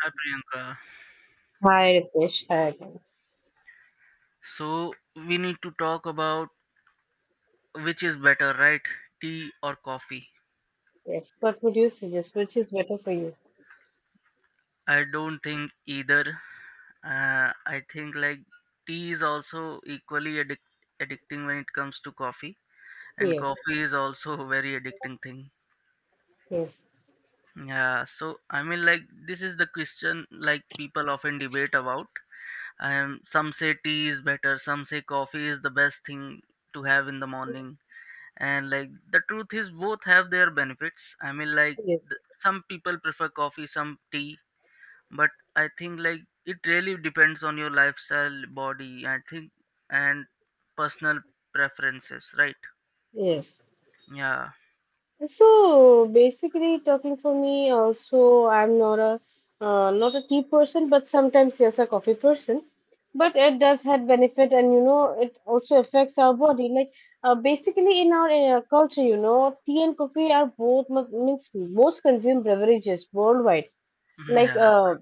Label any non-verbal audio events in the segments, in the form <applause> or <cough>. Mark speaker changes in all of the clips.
Speaker 1: Hi Priyanka.
Speaker 2: Hi, Ritesh. Hi again.
Speaker 1: So we need to talk about which is better, right? Tea or coffee?
Speaker 2: Yes. What would you suggest? Which is better for you?
Speaker 1: I don't think either. I think like, tea is also equally addicting when it comes to coffee, and
Speaker 2: Yes.
Speaker 1: coffee is also a very addicting thing.
Speaker 2: Yes.
Speaker 1: Yeah. So I mean, like this is the question like people often debate about. Some say tea is better, some say coffee is the best thing to have in the morning. And like the truth is both have their benefits. I mean, like
Speaker 2: Yes.
Speaker 1: some people prefer coffee, some tea, but I think like it really depends on your lifestyle, body, I think, and personal preferences, right?
Speaker 2: Yes.
Speaker 1: Yeah.
Speaker 2: So basically, talking for me, also I'm not a tea person, but sometimes yes, a coffee person. But it does have benefit, and it also affects our body. Like basically, in our culture, tea and coffee are both means most consumed beverages worldwide.
Speaker 1: <laughs>
Speaker 2: Like
Speaker 1: Yeah.
Speaker 2: uh,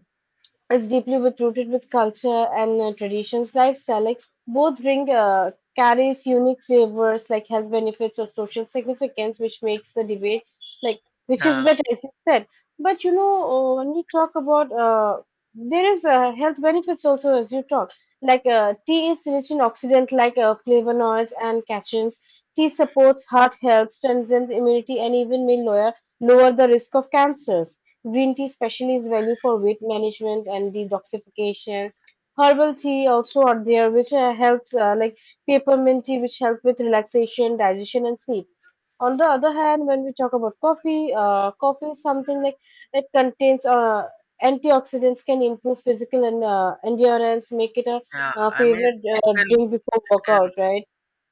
Speaker 2: It's deeply rooted with culture and traditions. Lifestyle, like both drink carries unique flavors, like health benefits or social significance, which makes the debate like which is
Speaker 1: Yeah.
Speaker 2: better, as you said. But when we talk about there is health benefits also, as you talk, like tea is rich in oxidant like flavonoids and catechins. Tea supports heart health, strengthens immunity, and even may lower the risk of cancers. Green tea especially is value for weight management and detoxification. Herbal tea also are there, which helps like peppermint tea, which help with relaxation, digestion, and sleep. On the other hand, when we talk about coffee is something like it contains antioxidants, can improve physical and endurance, make it a,
Speaker 1: Yeah,
Speaker 2: uh
Speaker 1: I mean,
Speaker 2: favorite
Speaker 1: it can,
Speaker 2: drink before
Speaker 1: it can,
Speaker 2: workout, right?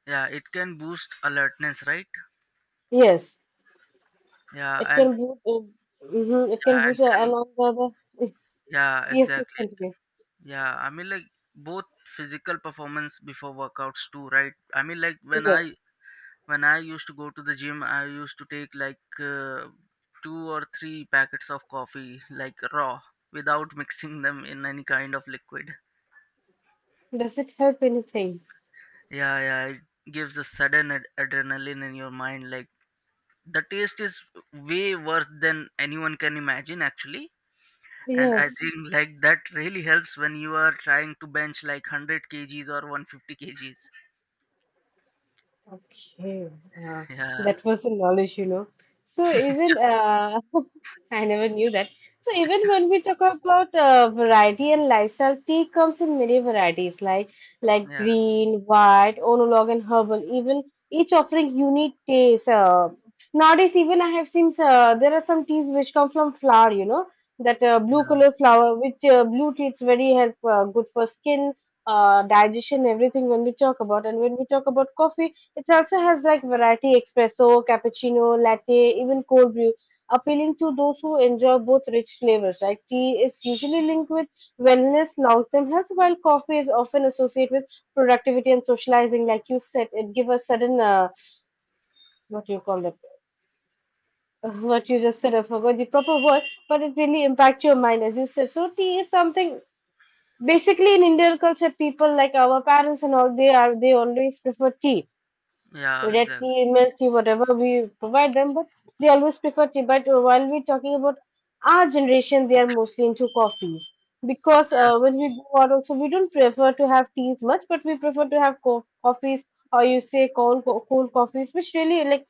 Speaker 1: yeah, it can boost alertness, right?
Speaker 2: Yes,
Speaker 1: Yeah.
Speaker 2: it
Speaker 1: And
Speaker 2: can boost. Mhm, it
Speaker 1: yeah,
Speaker 2: can
Speaker 1: and
Speaker 2: boost, and
Speaker 1: can,
Speaker 2: on the other.
Speaker 1: yeah,
Speaker 2: Yes, please
Speaker 1: exactly.
Speaker 2: continue.
Speaker 1: Yeah, I mean, like both physical performance before workouts too, right? I mean, like when i
Speaker 2: Yes.
Speaker 1: when I used to go to the gym, I used to take like two or three packets of coffee, like raw, without <laughs> mixing them in any kind of liquid.
Speaker 2: Does it help anything?
Speaker 1: Yeah, yeah, it gives a sudden adrenaline in your mind. Like the taste is way worse than anyone can imagine, actually. And I
Speaker 2: Yes.
Speaker 1: think like that really helps when you are trying to bench like 100 kgs or 150 kgs.
Speaker 2: Okay, uh,
Speaker 1: Yeah,
Speaker 2: that was the knowledge. So even <laughs> I never knew that. So even when we talk about variety and lifestyle, tea comes in many varieties, like
Speaker 1: yeah,
Speaker 2: green, white, oolong, and herbal. Even each offering unique taste. Nowadays, even I have seen there are some teas which come from flower, that blue
Speaker 1: yeah,
Speaker 2: color flower, which blue tea it's very help good for skin, digestion, everything. When we talk about and when we talk about coffee it also has like variety espresso, cappuccino, latte, even cold brew, appealing to those who enjoy both rich flavors. Like tea is usually linked with wellness, long-term health, while coffee is often associated with productivity and socializing. Like you said, it give a sudden what do you call it? <laughs> What you just said, I forgot the proper word, but it really impacts your mind, as you said. So tea is something basically in Indian culture, people like our parents and all they always prefer tea
Speaker 1: yeah,
Speaker 2: to their
Speaker 1: exactly.
Speaker 2: email, key, whatever we provide them, but they always prefer tea. But while we're talking about our generation, they are mostly into coffees because when we go out, also we don't prefer to have teas much, but we prefer to have coffees or you say cold coffees, which really like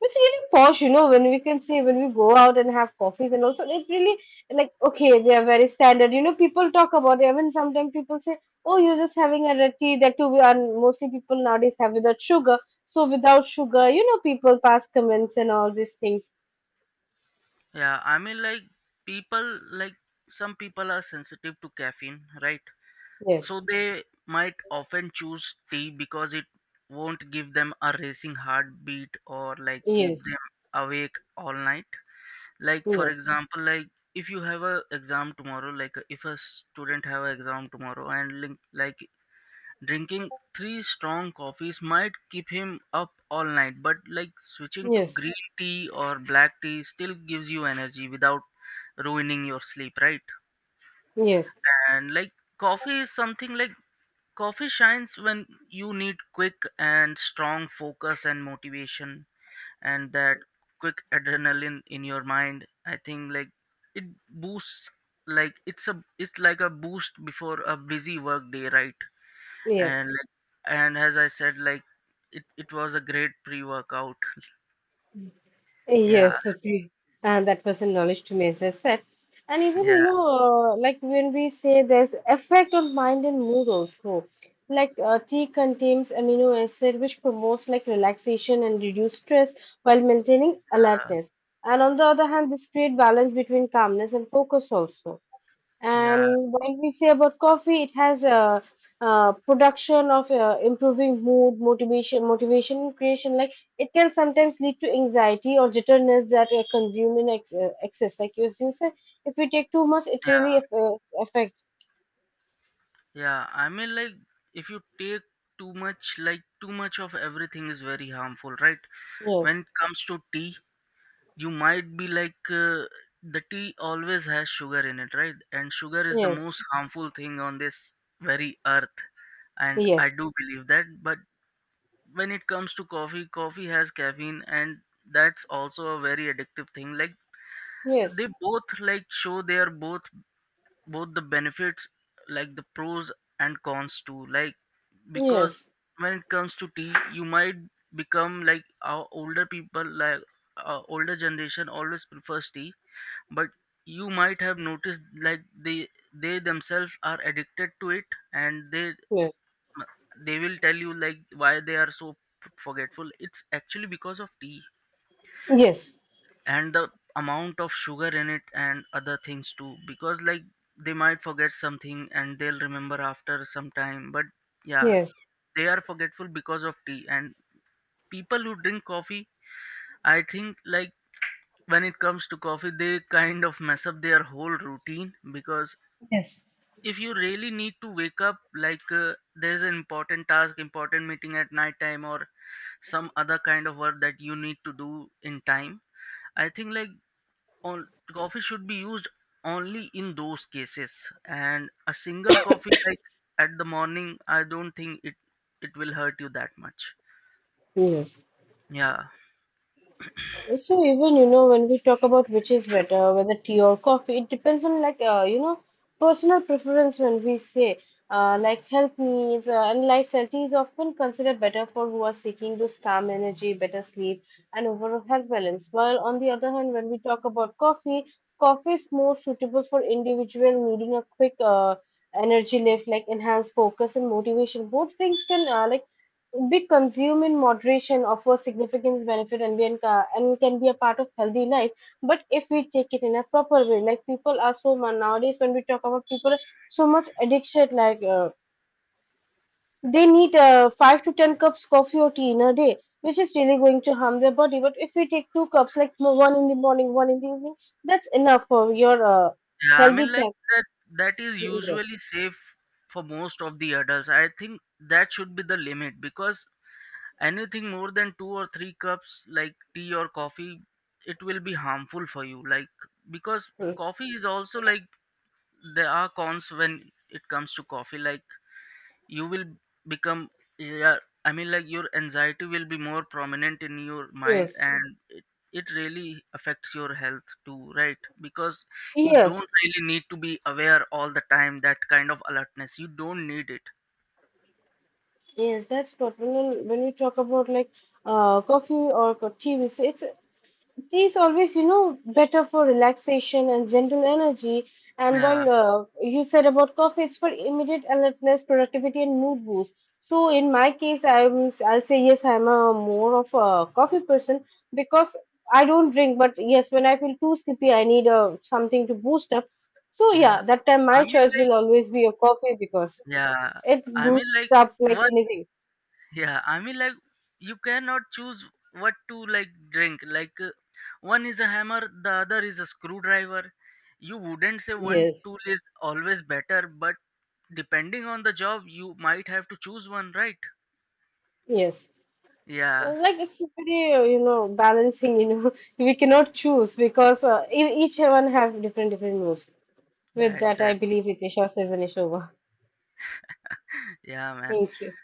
Speaker 2: it's really posh, when we can see when we go out and have coffees and also it really like okay, they are very standard. People talk about it. Even sometimes people say, "Oh, you're just having a red tea." That too, we are mostly people nowadays have without sugar. So without sugar, people pass comments and all these things.
Speaker 1: Yeah, I mean, like, people, like, some people are sensitive to caffeine, right?
Speaker 2: Yes,
Speaker 1: So they might often choose tea because it won't give them a racing heartbeat or, like, keep
Speaker 2: yes,
Speaker 1: them awake all night. Like, for
Speaker 2: yes,
Speaker 1: example, like, if you have a exam tomorrow, like, if a student have an exam tomorrow and, link, like, drinking three strong coffees might keep him up all night, but like switching to
Speaker 2: yes,
Speaker 1: green tea or black tea still gives you energy without ruining your sleep, right?
Speaker 2: yes,
Speaker 1: And like coffee is something like coffee shines when you need quick and strong focus and motivation, and that quick adrenaline in your mind. I think like it boosts, like it's a, it's like a boost before a busy work day, right? And
Speaker 2: yes.
Speaker 1: like, and as I said, like it was a great pre-workout. <laughs> Yeah.
Speaker 2: Yes. And that was a knowledge to me, as I said. And even,
Speaker 1: Yeah.
Speaker 2: like when we say there's effect on mind and mood also. Like tea contains amino acid which promotes like relaxation and reduce stress while maintaining alertness. And on the other hand, this create balance between calmness and focus also.
Speaker 1: Yeah.
Speaker 2: And when we say about coffee, it has a production of improving mood, motivation creation. Like it can sometimes lead to anxiety or jitterness that consume in excess. Like you said, if we take too much, it really
Speaker 1: Yeah.
Speaker 2: affect.
Speaker 1: Yeah, I mean, like if you take too much, like too much of everything is very harmful, right? When
Speaker 2: Yes,
Speaker 1: it comes to tea, you might be like the tea always has sugar in it, right? And sugar is the
Speaker 2: yes,
Speaker 1: most harmful thing on this very earth, and I
Speaker 2: yes,
Speaker 1: do believe that. But when it comes to coffee, coffee has caffeine, and that's also a very addictive thing. Like
Speaker 2: yes,
Speaker 1: they, both like show their both, both the benefits, like the pros and cons too, like, because
Speaker 2: yes,
Speaker 1: when it comes to tea you might become like our older people. Like our older generation always prefers tea, but you might have noticed like they themselves are addicted to it, and they
Speaker 2: yes,
Speaker 1: they will tell you like why they are so forgetful. It's actually because of tea
Speaker 2: yes,
Speaker 1: and the amount of sugar in it and other things too, because like they might forget something and they'll remember after some time, but yeah,
Speaker 2: yes,
Speaker 1: they are forgetful because of tea. And people who drink coffee, I think like when it comes to coffee, they kind of mess up their whole routine, because
Speaker 2: yes,
Speaker 1: if you really need to wake up, like there's an important task, important meeting at night time or some other kind of work that you need to do in time, I think like all coffee should be used only in those cases. And a single coffee like at the morning, I don't think it, it will hurt you that much.
Speaker 2: yes.
Speaker 1: Yeah.
Speaker 2: So even when we talk about which is better, whether tea or coffee, it depends on like personal preference. When we say like health needs and lifestyle, tea is often considered better for who are seeking those calm energy, better sleep, and overall health balance. While on the other hand, when we talk about coffee is more suitable for individual needing a quick energy lift, like enhanced focus and motivation. Both things can like be consumed in moderation offers significant benefit and can be a part of healthy life. But if we take it in a proper way, like people are so much nowadays when we talk about people, so much addiction, like they need 5 to 10 cups coffee or tea in a day, which is really going to harm their body. But if we take two cups, like one in the morning, one in the evening, that's enough for your
Speaker 1: Yeah, I mean,
Speaker 2: healthy
Speaker 1: like
Speaker 2: time.
Speaker 1: that, that is
Speaker 2: Yes.
Speaker 1: usually safe for most of the adults. I think that should be the limit, because anything more than two or three cups like tea or coffee, it will be harmful for you, like, because
Speaker 2: Mm.
Speaker 1: coffee is also like, there are cons when it comes to coffee. Like you will become, yeah, I mean, like your anxiety will be more prominent in your mind,
Speaker 2: Yes.
Speaker 1: and it really affects your health too, right? Because you don't
Speaker 2: Yes.
Speaker 1: really need to be aware all the time. That kind of alertness you don't need it.
Speaker 2: Yes, that's what when we talk about like coffee or tea, we say it's tea is always better for relaxation and gentle energy. And while
Speaker 1: Yeah.
Speaker 2: you said about coffee, it's for immediate alertness, productivity, and mood boost. So in my case, I'll say yes, I'm a more of a coffee person because I don't drink. But yes, when I feel too sleepy, I need something to boost up. So
Speaker 1: Yeah,
Speaker 2: yeah, that time
Speaker 1: I
Speaker 2: my
Speaker 1: mean,
Speaker 2: choice will
Speaker 1: like,
Speaker 2: always be a coffee because
Speaker 1: yeah,
Speaker 2: it
Speaker 1: I mean,
Speaker 2: boosts
Speaker 1: like
Speaker 2: up like
Speaker 1: one,
Speaker 2: anything.
Speaker 1: yeah, I mean, like you cannot choose what to like drink. Like one is a hammer, the other is a screwdriver. You wouldn't say one
Speaker 2: Yes,
Speaker 1: tool is always better, but depending on the job, you might have to choose one, right?
Speaker 2: yes. Uh,
Speaker 1: Yeah.
Speaker 2: Like it's very, balancing, <laughs> we cannot choose because each one have different moods.
Speaker 1: Yeah,
Speaker 2: With that, I
Speaker 1: exactly.
Speaker 2: believe Ritesha says an issue over.
Speaker 1: Yeah, man.
Speaker 2: Thank you.